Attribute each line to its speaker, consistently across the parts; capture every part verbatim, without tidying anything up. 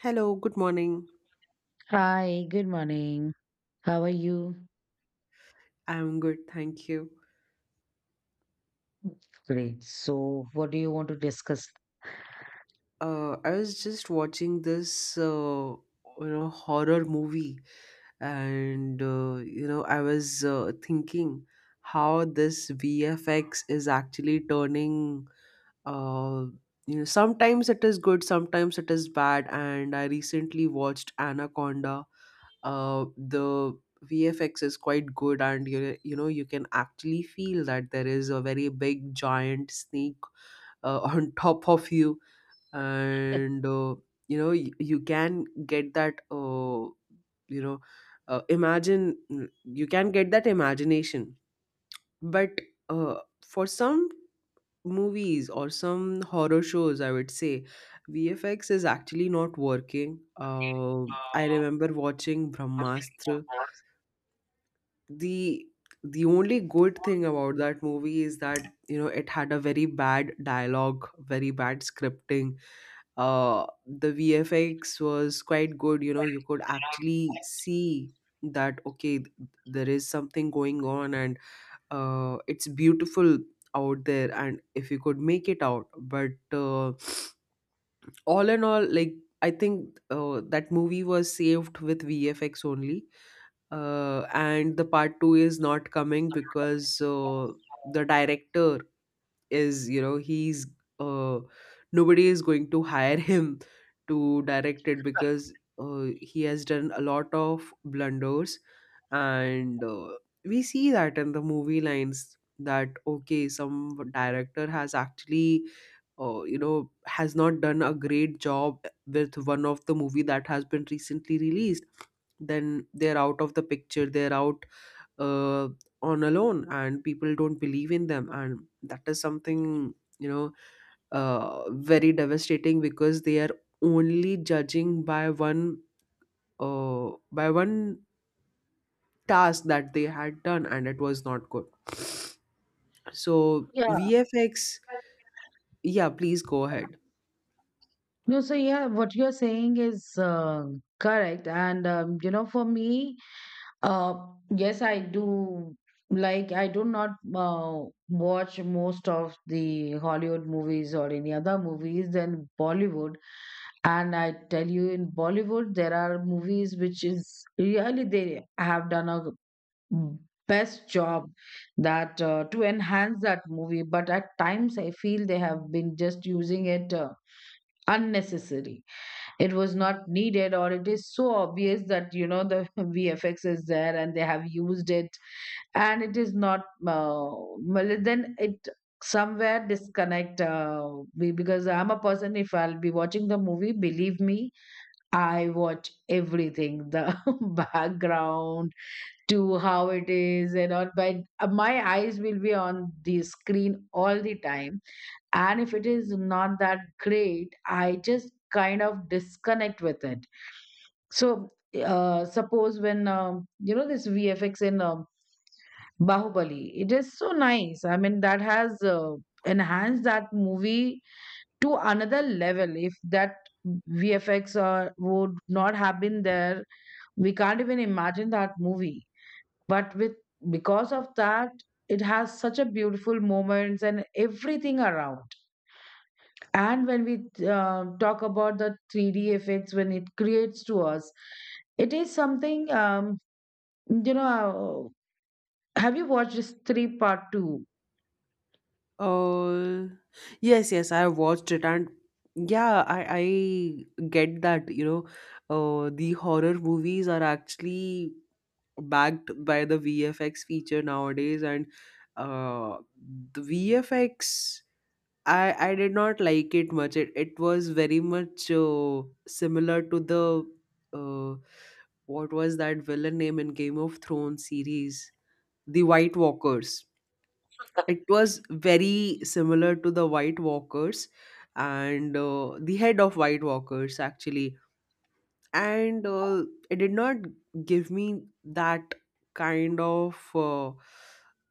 Speaker 1: Hello, good morning.
Speaker 2: Hi, good morning. How are you?
Speaker 1: I'm good, thank you.
Speaker 2: Great. So, what do you want to discuss?
Speaker 1: Uh, I was just watching this, uh, you know, horror movie, and uh, you know, I was uh, thinking how this V F X is actually turning. Uh, you know, Sometimes it is good, sometimes it is bad. And I recently watched Anaconda. Uh, the V F X is quite good, and you you know, you can actually feel that there is a very big giant snake uh, on top of you, and uh, you know you, you can get that uh, you know uh, imagine mm, you can get that imagination. But uh, for some movies or some horror shows, I would say VFX is actually not working. uh, I remember watching Brahmastra. The the only good thing about that movie is that, you know it had a very bad dialogue, very bad scripting. Uh the VFX was quite good. you know you could actually see that, okay, th- there is something going on, and uh it's beautiful out there, and if you could make it out, but uh, all in all, like, I think uh, that movie was saved with VFX only. Uh and the part two is not coming because, uh, the director is, you know he's, uh nobody is going to hire him to direct it, because uh, he has done a lot of blunders. And uh, we see that in the movie lines, that okay, some director has actually uh, you know has not done a great job with one of the movie that has been recently released. Then they're out of the picture, they're out, uh, on alone, and people don't believe in them. And that is something, you know uh, very devastating, because they are only judging by one, uh, by one task that they had done, and it was not good. So
Speaker 2: Yeah.
Speaker 1: VFX... yeah, please go ahead.
Speaker 2: No, so yeah, what you're saying is uh, correct. And, um, you know, for me, uh, yes, I do. Like, I do not uh, watch most of the Hollywood movies or any other movies than Bollywood. And I tell you, in Bollywood, there are movies which is really, they have done a best job that uh, to enhance that movie, but at times I feel they have been just using it uh, unnecessary. It was not needed, or it is so obvious that you know the vfx is there and they have used it, and it is not uh, well, then it somewhere disconnect. Uh, be- because I'm a person, if I'll be watching the movie, believe me, I watch everything, the background, to how it is and all, but uh, my eyes will be on the screen all the time. And if it is not that great, I just kind of disconnect with it. So uh, suppose when um, you know, this vfx in um, bahubali, it is so nice. I mean, that has uh, enhanced that movie to another level. If that vfx uh, would not have been there, we can't even imagine that movie. But with, because of that, it has such a beautiful moments and everything around. And when we uh, talk about the three D effects, when it creates to us, it is something um, you know uh, have you watched this three part two?
Speaker 1: uh yes, yes, I watched it. And yeah, i i get that. you know uh the horror movies are actually backed by the V F X feature nowadays, and uh the V F X, I I did not like it much. It it was very much uh, similar to the... uh what was that villain name in Game of Thrones series? The White Walkers. It was very similar to the White Walkers, and uh, the head of White Walkers actually. And uh, it did not give me that kind of uh,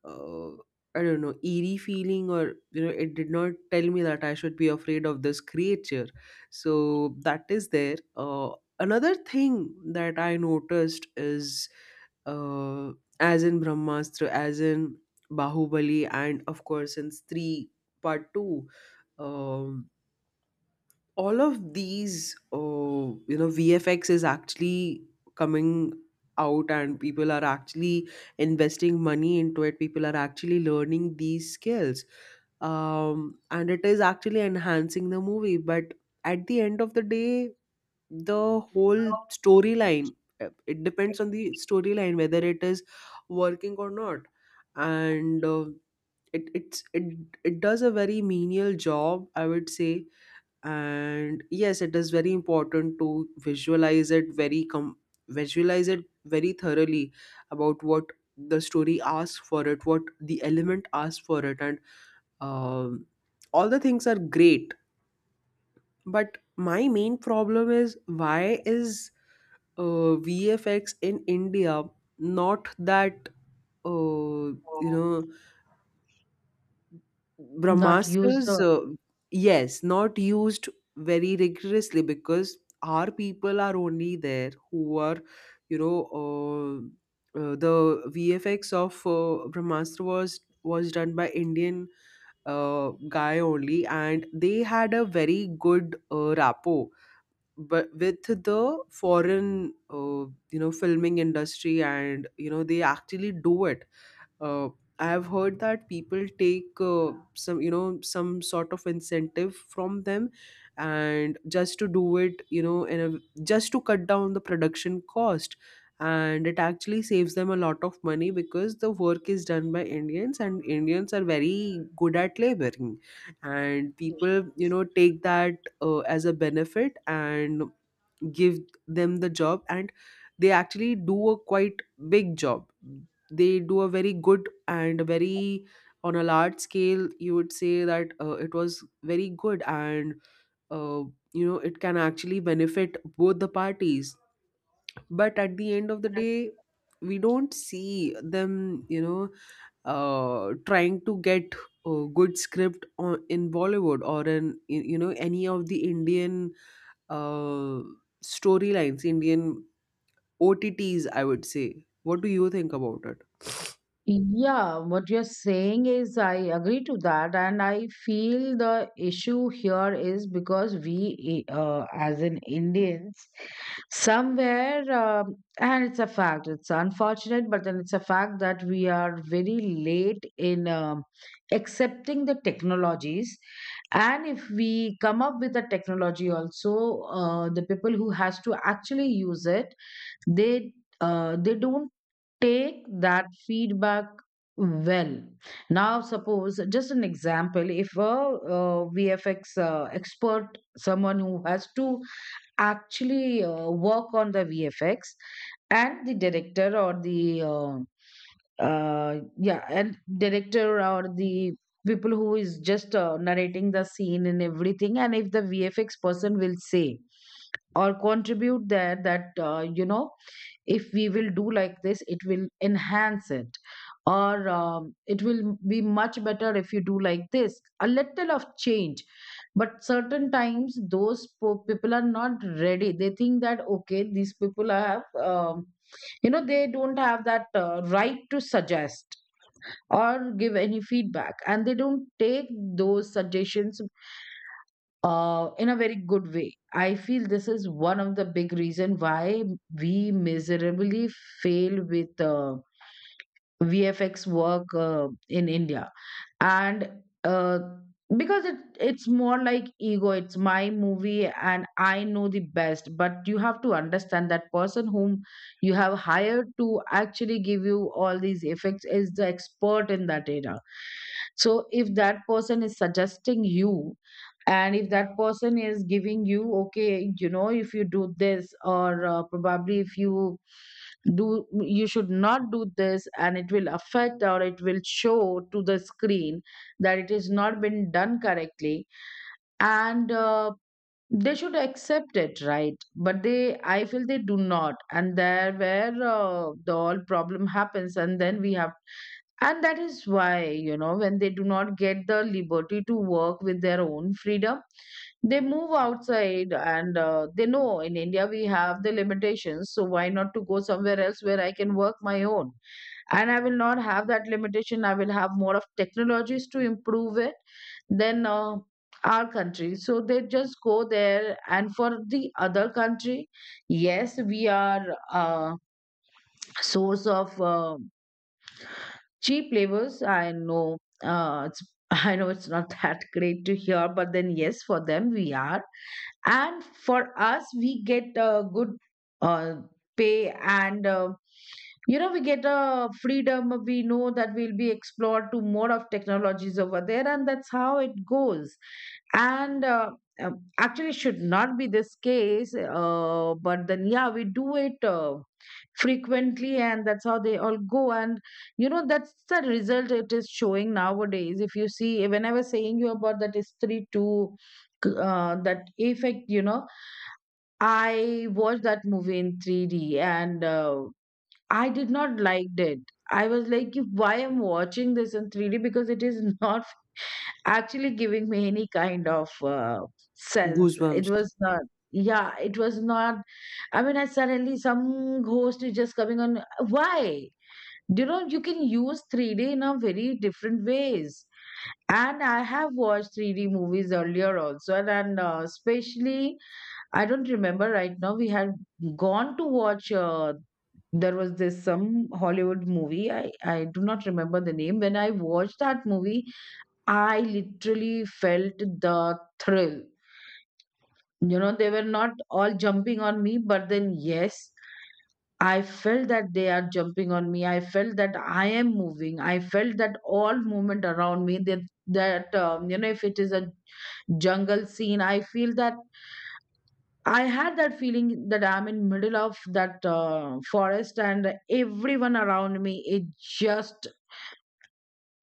Speaker 1: uh, I don't know, eerie feeling, or you know it did not tell me that I should be afraid of this creature. So that is there. Uh, another thing that I noticed is, uh, as in Brahmastra, as in Bahubali, and of course in three part two. um all of these uh, you know VFX is actually coming out, and people are actually investing money into it. People are actually learning these skills. um, and it is actually enhancing the movie, but at the end of the day, the whole storyline, uh, it depends on the storyline whether it is working or not. And uh, it it's it, it does a very menial job, I would say. And yes, it is very important to visualize it very com- visualize it very thoroughly, about what the story asks for it, what the element asks for it. And um, all the things are great. But my main problem is, why is uh, VFX in India not that, uh, you know
Speaker 2: Not used uh,
Speaker 1: Brahmastres, uh, yes, not used very rigorously, because our people are only there who are, you know, uh, uh, the V F X of uh, Brahmastra was was done by Indian uh, guy only, and they had a very good uh, rapport, but with the foreign, uh, you know, filming industry. And, you know, they actually do it. uh, I have heard that people take uh, some, you know some sort of incentive from them, and just to do it, you know in a, just to cut down the production cost. And it actually saves them a lot of money, because the work is done by Indians, and Indians are very good at laboring. And people, you know take that uh, as a benefit, and give them the job, and they actually do a quite big job. They do a very good, and very, on a large scale, you would say that uh, it was very good, and uh, you know it can actually benefit both the parties. But at the end of the day, we don't see them, you know uh, trying to get a good script on, in Bollywood, or in you know any of the Indian uh, storylines, Indian O T Ts, I would say. What do you think about it?
Speaker 2: yeah, what you're saying is, I agree to that. And I feel the issue here is because we, eh, uh, as in Indians, somewhere, um and it's a fact, it's unfortunate, but then it's a fact that we are very late in um accepting the technologies. And if we come up with a technology also, uh, the people who has to actually use it, they uh, they don't take that feedback well. Now suppose, just an example, if a uh, vfx uh, expert, someone who has to actually uh, work on the vfx and the director or the uh, uh yeah, and director or the people who is just uh, narrating the scene and everything, and if the vfx person will say or contribute there that uh, you know, if we will do like this, it will enhance it, or um, it will be much better if you do like this, a little of change. But certain times those po- people are not ready. They think that okay, these people have um, you know, they don't have that uh, right to suggest or give any feedback, and they don't take those suggestions uh, in a very good way. I feel this is one of the big reason why we miserably fail with uh, V F X work uh, in India. And uh, because it, it's more like ego. It's my movie, and I know the best. But you have to understand that person whom you have hired to actually give you all these effects is the expert in that area. So if that person is suggesting you. And if that person is giving you, okay, you know, if you do this, or uh, probably if you do, you should not do this, and it will affect or it will show to the screen that it is not been done correctly. And uh, They should accept it, right? But they, I feel they do not, and there where uh, the all problem happens. And then we have, and that is why, you know, when they do not get the liberty to work with their own freedom, they move outside. And uh, they know, in India we have the limitations. So why not to go somewhere else where I can work my own? And I will not have that limitation. I will have more of technologies to improve it than uh, our country. So they just go there. And for the other country, yes, we are a source of. Uh, cheap labors, I know, uh, it's I know it's not that great to hear, but then yes, for them we are. And for us, we get a good uh, pay, and uh, you know, we get a freedom. We know that we'll be explored to more of technologies over there, and that's how it goes. And uh, um, Actually should not be this case, uh, but then yeah, we do it uh, frequently, and that's how they all go. And you know, that's the result it is showing nowadays. If you see, when I was saying you about that history two, uh, that effect, you know, I watched that movie in three D, and uh, I did not liked it. I was like, "You- why am watching this in three D, because it is not actually giving me any kind of uh, sense. It
Speaker 1: Goosebumps.
Speaker 2: was not, yeah, it was not, I mean, I suddenly, some ghost is just coming on, why? You know, you can use three D in a very different ways. And I have watched three D movies earlier also, and, and uh, especially, I don't remember right now. We had gone to watch. Uh, there was this some Hollywood movie. I I do not remember the name. When I watched that movie, I literally felt the thrill. You know, they were not all jumping on me, but then yes, I felt that they are jumping on me. I felt that I am moving. I felt that all movement around me. That that um, You know, if it is a jungle scene, I feel that I had that feeling that I'm in middle of that uh, forest, and everyone around me is just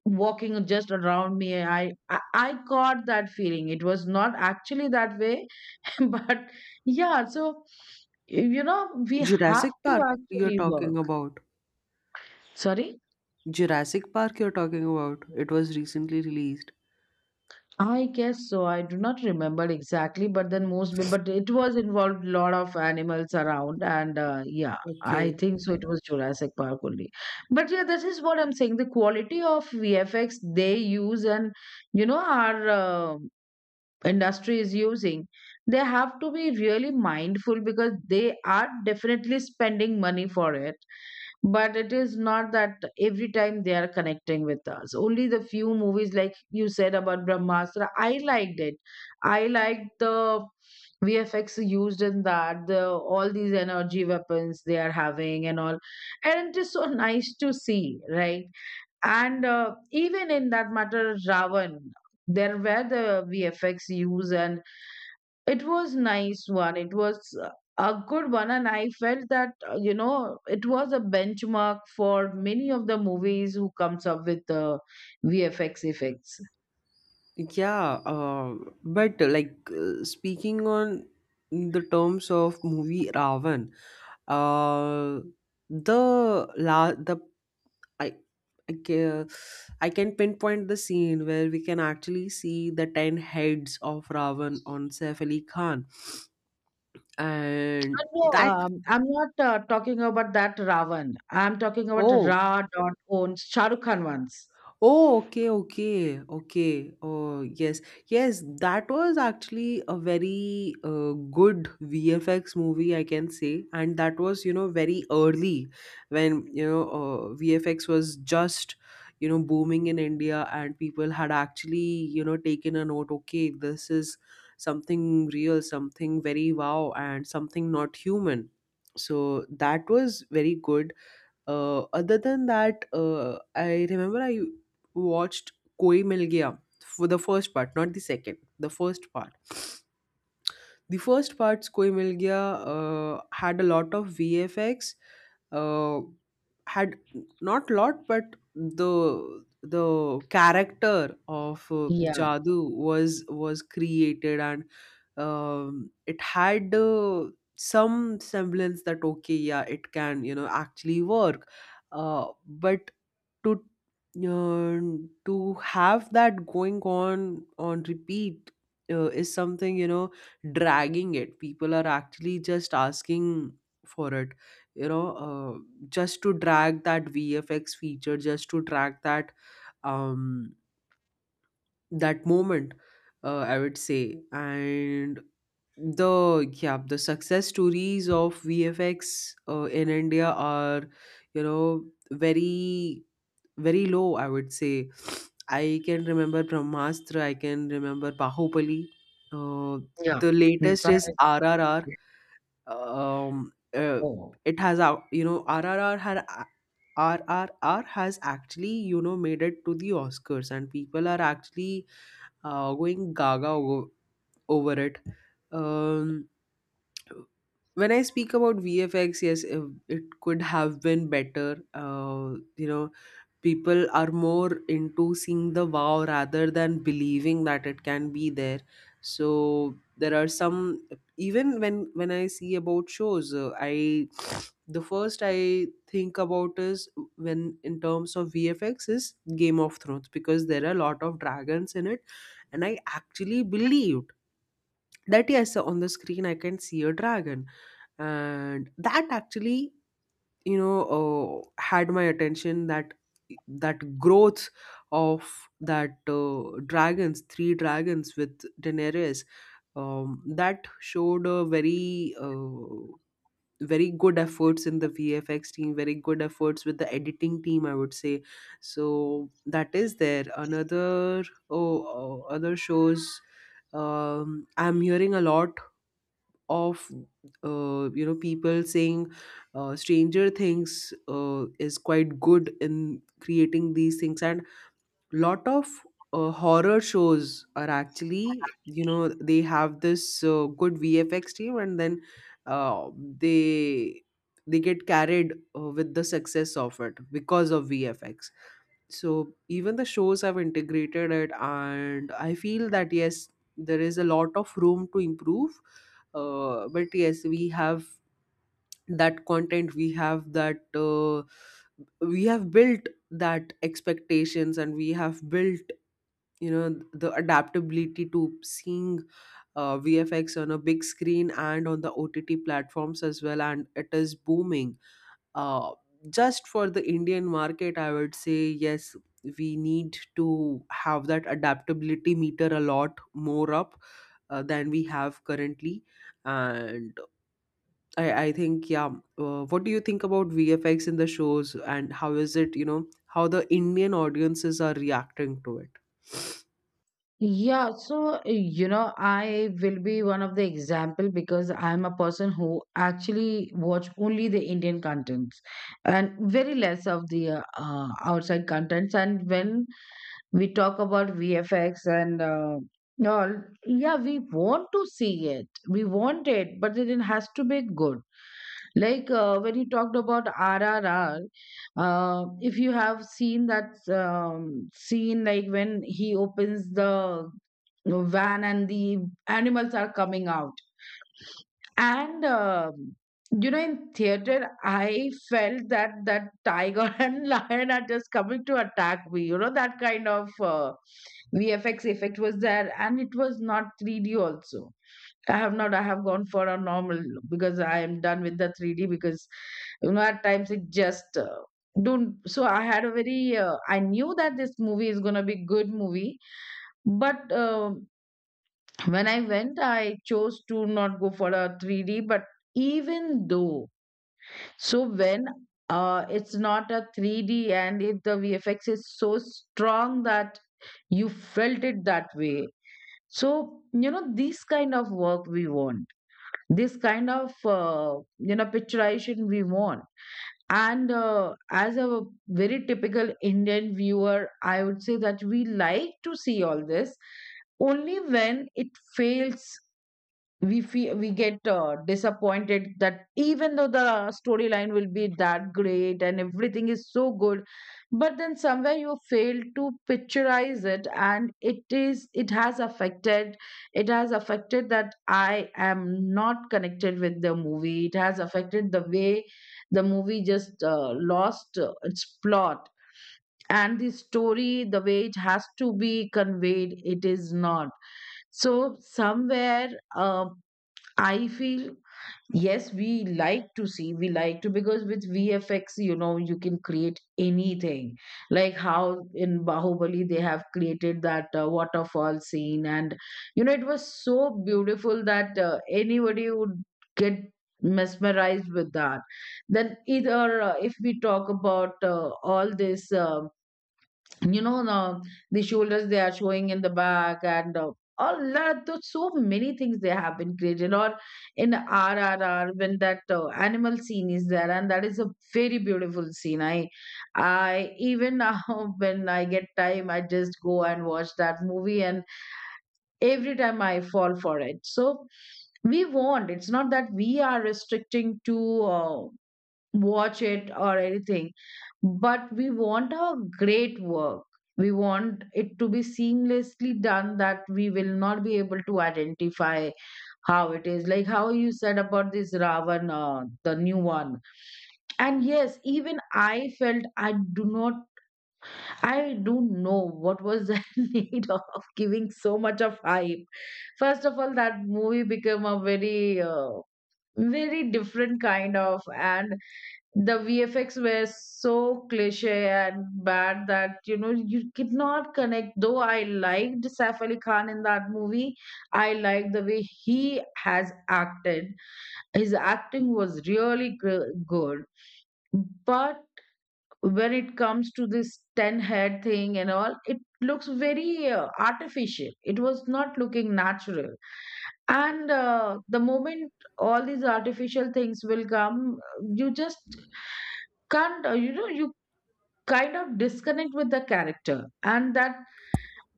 Speaker 2: walking just around me. I, I I caught that feeling. It was not actually that way, but yeah. So you know, we have
Speaker 1: Jurassic
Speaker 2: to
Speaker 1: Park, you're
Speaker 2: actually work.
Speaker 1: talking about.
Speaker 2: Sorry.
Speaker 1: Jurassic Park, you're talking about. It was recently released.
Speaker 2: I guess so. I do not remember exactly, but then most, but it was involved a lot of animals around, and uh, yeah, I
Speaker 1: Okay.
Speaker 2: think so. It was Jurassic Park only, but yeah, this is what I'm saying. The quality of V F X they use, and you know, our uh, industry is using, they have to be really mindful because they are definitely spending money for it. But it is not that every time they are connecting with us. Only the few movies, like you said about brahmastra, I liked it. I liked the vfx used in that, the all these energy weapons they are having and all, and it is so nice to see, right? And uh, even in that matter, ravan, there were the vfx use, and it was nice one. It was uh, a good one, and I felt that uh, you know, it was a benchmark for many of the movies who comes up with the V F X effects.
Speaker 1: Yeah, uh, but like uh, speaking on the terms of movie Ravan, uh, the la the I I can, I can pinpoint the scene where we can actually see the ten heads of Ravan on Saif Ali Khan. And
Speaker 2: Uh, No,
Speaker 1: that...
Speaker 2: um, I'm not uh, talking about that Ravan. I'm talking about
Speaker 1: oh
Speaker 2: Ra dot owns, Shah Rukh Khan ones.
Speaker 1: oh, okay, okay, okay, oh yes, yes, that was actually a very uh, good V F X movie, I can say. And that was, you know very early when, you know uh, V F X was just, you know booming in India, and people had actually, you know taken a note, okay, this is something real, something very wow, and something not human. So that was very good. Uh, other than that, uh, I remember I watched Koi Mil Gaya for the first part, not the second, the first part. The first part's Koi Mil Gaya uh, had a lot of V F X, uh, had not lot, but the the character of uh,
Speaker 2: Yeah,
Speaker 1: Jadoo was was created. And um, it had uh, some semblance that, okay, yeah, it can, you know actually work. Uh, but to um, to have that going on on repeat, uh, is something, you know dragging it. People are actually just asking for it, you know uh, just to drag that VFX feature, just to drag that um that moment, uh, I would say. And the yeah, the success stories of V F X uh, in India are, you know very very low, I would say. I can remember Brahmastra, I can remember Bahubali. Uh,
Speaker 2: yeah.
Speaker 1: the
Speaker 2: Mm,
Speaker 1: latest
Speaker 2: that
Speaker 1: is
Speaker 2: is,
Speaker 1: R R R. um, uh,
Speaker 2: oh.
Speaker 1: it has out you know R R R had a- R R R has actually, you know made it to the Oscars, and people are actually uh, going gaga over, over it. um when I speak about V F X, yes, if it could have been better. Uh, you know, people are more into seeing the wow rather than believing that it can be there. So there are some. Even when when I see about shows, uh, I the first I think about is, when in terms of V F X, is Game of Thrones, because there are a lot of dragons in it, and I actually believed that, yes, on the screen I can see a dragon. And that actually, you know uh, had my attention, that that growth of that uh, dragons three dragons with Daenerys. Um, that showed a very uh, very good efforts in the V F X team, very good efforts with the editing team, I would say. So that is there. Another... oh, oh, other shows. um, I'm hearing a lot of uh, you know people saying uh, Stranger Things uh, is quite good in creating these things, and lot of uh, horror shows are actually, you know they have this uh, good VFX team, and then uh, they they get carried uh, with the success of it because of VFX. So even the shows have integrated it, and I feel that, yes, there is a lot of room to improve. Uh, but yes, we have that content, we have that, uh, we have built that expectations, and we have built, you know the adaptability to seeing uh, VFX on a big screen and on the O T T platforms as well, and it is booming. uh, just for the Indian market, I would say, yes, we need to have that adaptability meter a lot more up uh, than we have currently. And I, I think, yeah, uh, what do you think about V F X in the shows, and how is it, you know, how the Indian audiences are reacting to it?
Speaker 2: Yeah, so eh, you know, I will be one of the example, because I'm a person who actually watch only the Indian contents, and very less of the uh, uh, outside contents. And when we talk about V F X and uh, all, yeah, we want to see it, we want it, but then it has to be good. Like uh, when you talked about R R R, uh, if you have seen that um, scene, like when he opens the van and the animals are coming out, and um you know, in theater, I felt that that tiger and lion are just coming to attack me. You know, that kind of uh, V F X effect was there, and it was not three D also. I have not. I have gone for a normal, because I am done with the three D. Because you know, at times it just uh, don't. So I had a very. Uh, I knew that this movie is gonna be good movie, but uh, when I went, I chose to not go for a three D. But even though, so when uh, it's not a three D and if the V F X is so strong that you felt it that way. So you know, these kind of work we want, this kind of uh, you know, picturization we want. And uh, as a very typical Indian viewer, I would say that we like to see all this only when it fails, we feel we get uh, disappointed that even though the storyline will be that great and everything is so good, but then somewhere you fail to picturize it. And it is it has affected, it has affected that I am not connected with the movie. It has affected the way the movie just uh, lost uh, its plot, and the story, the way it has to be conveyed, it is not. So somewhere, uh, I feel, yes, we like to see, we like to, because with V F X, you know, you can create anything. Like how in Bahubali they have created that uh, waterfall scene, and you know, it was so beautiful that uh, anybody would get mesmerized with that. Then either uh, if we talk about uh, all this. Um, you know the, the shoulders they are showing in the back, and uh, a lot of, so many things they have been created. Or in R R R, when that uh, animal scene is there, and that is a very beautiful scene. I i even now when I get time, I just go and watch that movie, and every time I fall for it. So we want, it's not that we are restricting to uh, watch it or anything, but we want our great work, we want it to be seamlessly done that we will not be able to identify how it is. Like how you said about this Ravan, uh, the new one, and yes, even I felt, I do not, I don't know what was the need of giving so much of hype. First of all, that movie became a very uh, very different kind of. And the V F X were so cliche and bad that you know, you could not connect. Though I liked Saif Ali Khan in that movie, I liked the way he has acted. His acting was really gr- good, but when it comes to this ten head thing and all, it looks very uh, artificial. It was not looking natural. And uh, the moment all these artificial things will come, you just can't uh, you know, you kind of disconnect with the character, and that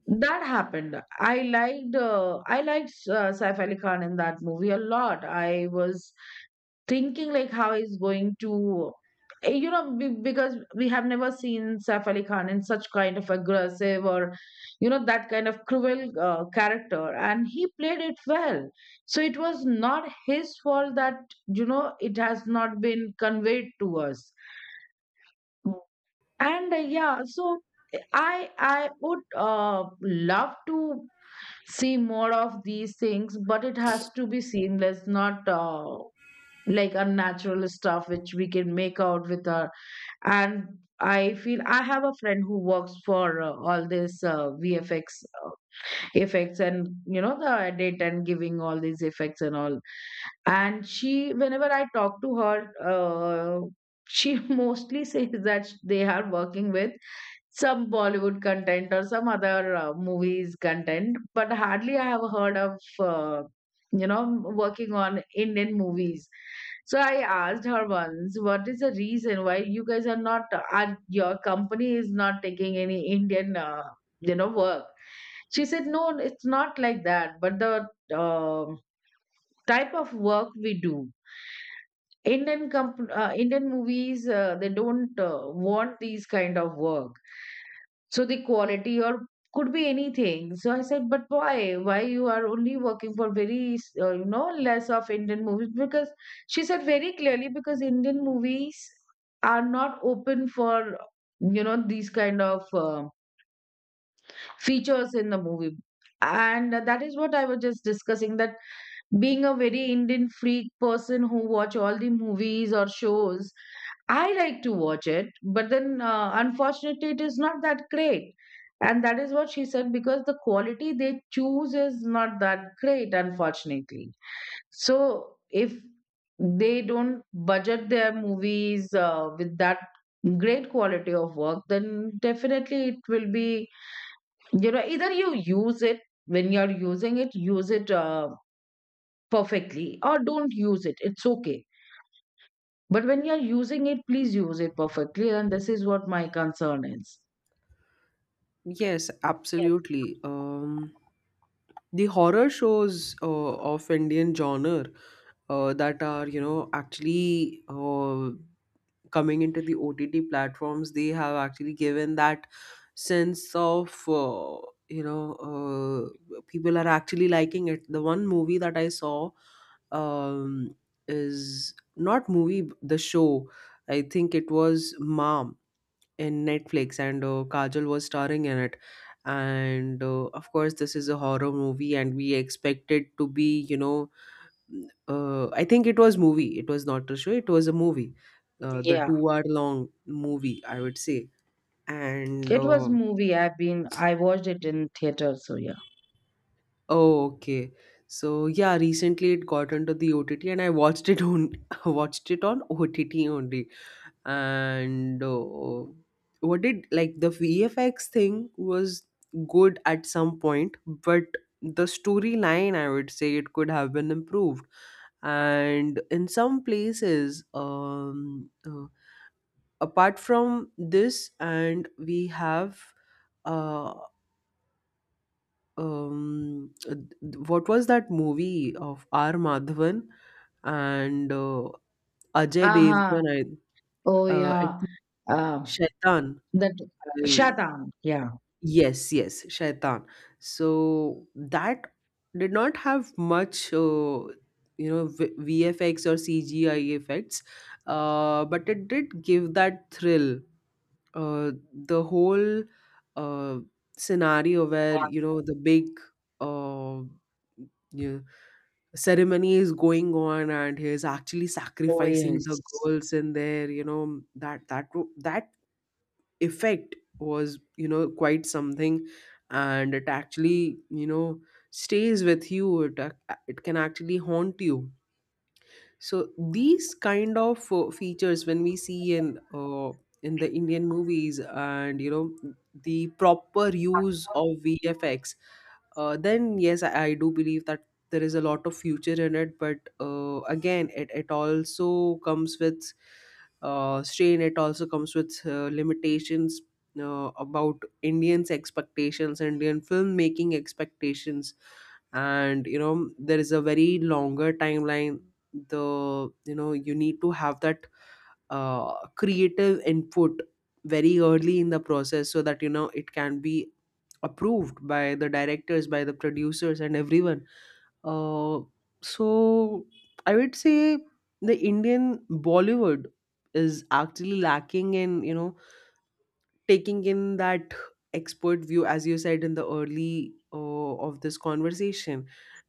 Speaker 2: that happened. I liked uh, I liked uh, Saif Ali Khan in that movie a lot. I was thinking like how he's going to eh, you know be- because we have never seen Saif Ali Khan in such kind of aggressive or you know, that kind of cruel uh, character, and he played it well. So it was not his fault that you know, it has not been conveyed to us. And uh, yeah, so I I would uh, love to see more of these things, but it has to be seamless, not uh, like unnatural stuff which we can make out with our. And I feel, I have a friend who works for uh, all this uh, VFX uh, effects and you know, the edit and giving all these effects and all. And she, whenever I talk to her, uh, she mostly says that they are working with some Bollywood content or some other uh, movies content, but hardly I have heard of uh, you know, working on Indian movies. So I asked her once, "What is the reason why you guys are not? Are your company is not taking any Indian uh, you know, work?" She said, "No, it's not like that, but the um type of work we do." Indian comp- uh, Indian movies uh, they don't uh, want these kind of work. So the quality or could be anything. So I said, but why? Why you are only working for very uh, you know, less of Indian movies? Because she said very clearly, because Indian movies are not open for you know, these kind of uh, features in the movie. And that is what I was just discussing, that being a very Indian freak person who watch all the movies or shows, I like to watch it, but then uh, unfortunately, it is not that great. And that is what she said, because the quality they choose is not that great, unfortunately. So if they don't budget their movies uh, with that great quality of work, then definitely it will be, you know, either you use it, when you're using it, use it. Uh, perfectly, or don't use it. It's okay. But when you're using it, please use it perfectly. And this is what my concern is.
Speaker 1: Yes,
Speaker 2: Yes.
Speaker 1: absolutely. Um, the horror shows uh, of Indian genre uh, that are, you know, actually, Uh, coming into the O T T platforms, they have actually given that sense of uh, you know uh, people are actually liking it. The one movie that I saw, um, is not movie, the show. I think it was Mom in Netflix, and uh, Kajal was starring in it. And uh, of course, this is a horror movie, and we expect it to be, you know uh, I think it was movie. It was not a show. It was a movie. Uh, the
Speaker 2: Yeah.
Speaker 1: two hour long movie, I would say. And
Speaker 2: It was
Speaker 1: uh,
Speaker 2: movie. I've been I watched it in theater, so yeah.
Speaker 1: oh, okay. So yeah, recently it got into the O T T, and I watched it on watched it on O T T only. And uh, What did, like, the V F X thing was good at some point, but the storyline, I would say, it could have been improved. And in some places, um, uh, apart from this, and we have uh, um, uh, what was that movie of R. Madhavan and uh, Ajay
Speaker 2: Aha.
Speaker 1: Devgan? i
Speaker 2: Oh
Speaker 1: uh, I
Speaker 2: yeah.
Speaker 1: think
Speaker 2: Uh,
Speaker 1: Shaitan.
Speaker 2: that
Speaker 1: I
Speaker 2: Shatan. Yeah.
Speaker 1: Yes, yes, Shaitan. So that did not have much uh, you know, v- VFX or CGI effects, uh, but it did give that thrill. Uh, the whole uh, scenario where, you know, the big, uh, you ceremony is going on and he's actually
Speaker 2: Oh
Speaker 1: sacrificing the
Speaker 2: yes.
Speaker 1: girls in there, you know, that that wo- that effect was, you know, quite something. And it actually, you know, stays with you. It ac- it can actually haunt you. So these kind of uh, features, when we see in uh, in the Indian movies, and you know, the proper use of V F X, uh, then yes, I, I do believe that there is a lot of future in it. But uh, again, it, it also comes with uh, strain, it also comes with uh, limitations uh, about Indians expectations, Indian filmmaking expectations. And you know, there is a very longer timeline. The You know, you need to have that uh, creative input very early in the process so that, you know, it can be approved by the directors, by the producers, and everyone. uh, so I would say the Indian Bollywood is actually lacking in, you know, taking in that expert view, as you said, in the early uh, of this conversation.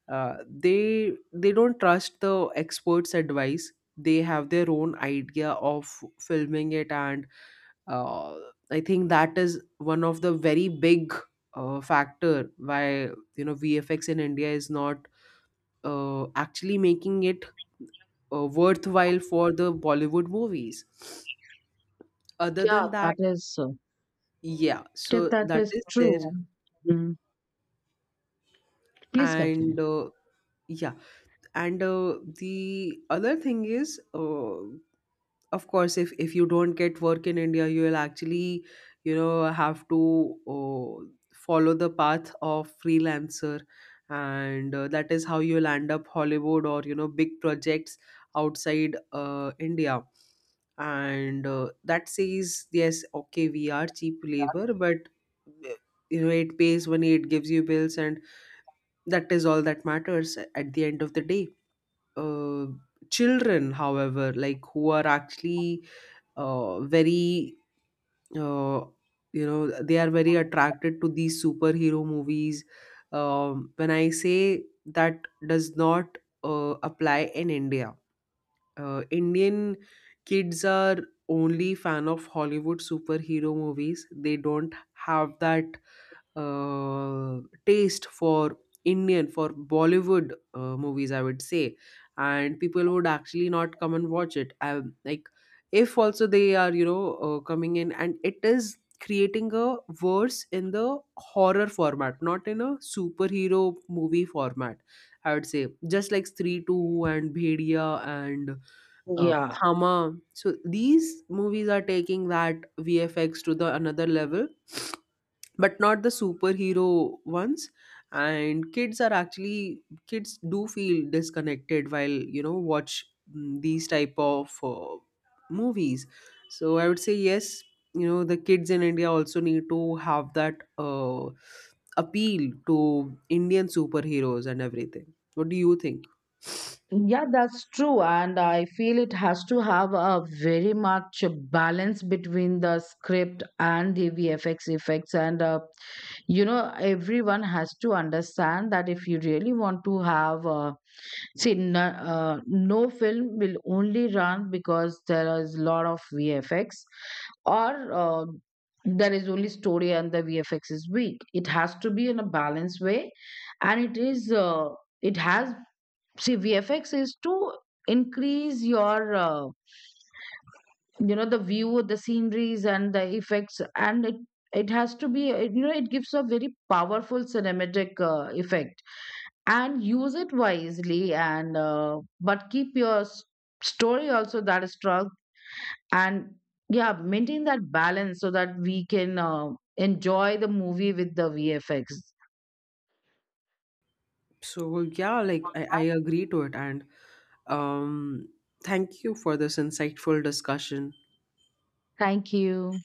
Speaker 1: uh, they they don't trust the experts advice. They have their own idea of filming it. And uh, I think that is one of the very big uh, factor why, you know, VFX in India is not uh, actually making it uh, worthwhile for the Bollywood movies. Other
Speaker 2: Yeah,
Speaker 1: than that,
Speaker 2: that is uh,
Speaker 1: yeah,
Speaker 2: yeah,
Speaker 1: so
Speaker 2: that
Speaker 1: that
Speaker 2: is
Speaker 1: is there.
Speaker 2: true. Mm. Please
Speaker 1: And
Speaker 2: continue.
Speaker 1: uh, yeah and uh, The other thing is, uh, of course, if if you don't get work in India, you will actually, you know, have to uh, follow the path of freelancer. And uh, that is how you'll end up Hollywood or, you know, big projects outside uh, India. And uh, that says yes, okay, we are cheap labor, but uh, you know, it pays money, it gives you bills, and that is all that matters at the end of the day. uh, Children, however, like, who are actually uh, very uh, you know, they are very attracted to these superhero movies. Um, when I say that, does not uh, apply in India. Uh, indian kids are only fan of Hollywood superhero movies. They don't have that uh, taste for Indian, for Bollywood uh, movies, I would say. And people would actually not come and watch it. I, like, if also they are, you know, uh, coming in, and it is creating a verse in the horror format, not in a superhero movie format. I would say, just like Three Two and Bhedia and uh,
Speaker 2: Yeah.
Speaker 1: Thama. So these movies are taking that V F X to the another level, but not the superhero ones. And kids are actually, kids do feel disconnected while, you know, watch mm, these type of uh, movies. So I would say yes, you know, the kids in India also need to have that uh, appeal to Indian superheroes and everything. What do you think?
Speaker 2: Yeah, that's true. And I feel it has to have a very much balance between the script and the V F X effects. And, uh, you know, everyone has to understand that if you really want to have, uh, see, no, uh, no film will only run because there is a lot of V F X or uh, there is only story and the V F X is weak. It has to be in a balanced way. And it is, uh, it has, see, VFX is to increase your uh, you know, the view, the sceneries and the effects. And it it has to be uh, you know, it gives a very powerful cinematic uh, effect. And use it wisely, and uh, but keep your s- story also, that is strong. And yeah, maintain that balance so that we can uh, enjoy the movie with the VFX.
Speaker 1: So yeah, like, I, I agree to it. And Um, thank you for this insightful discussion.
Speaker 2: Thank you.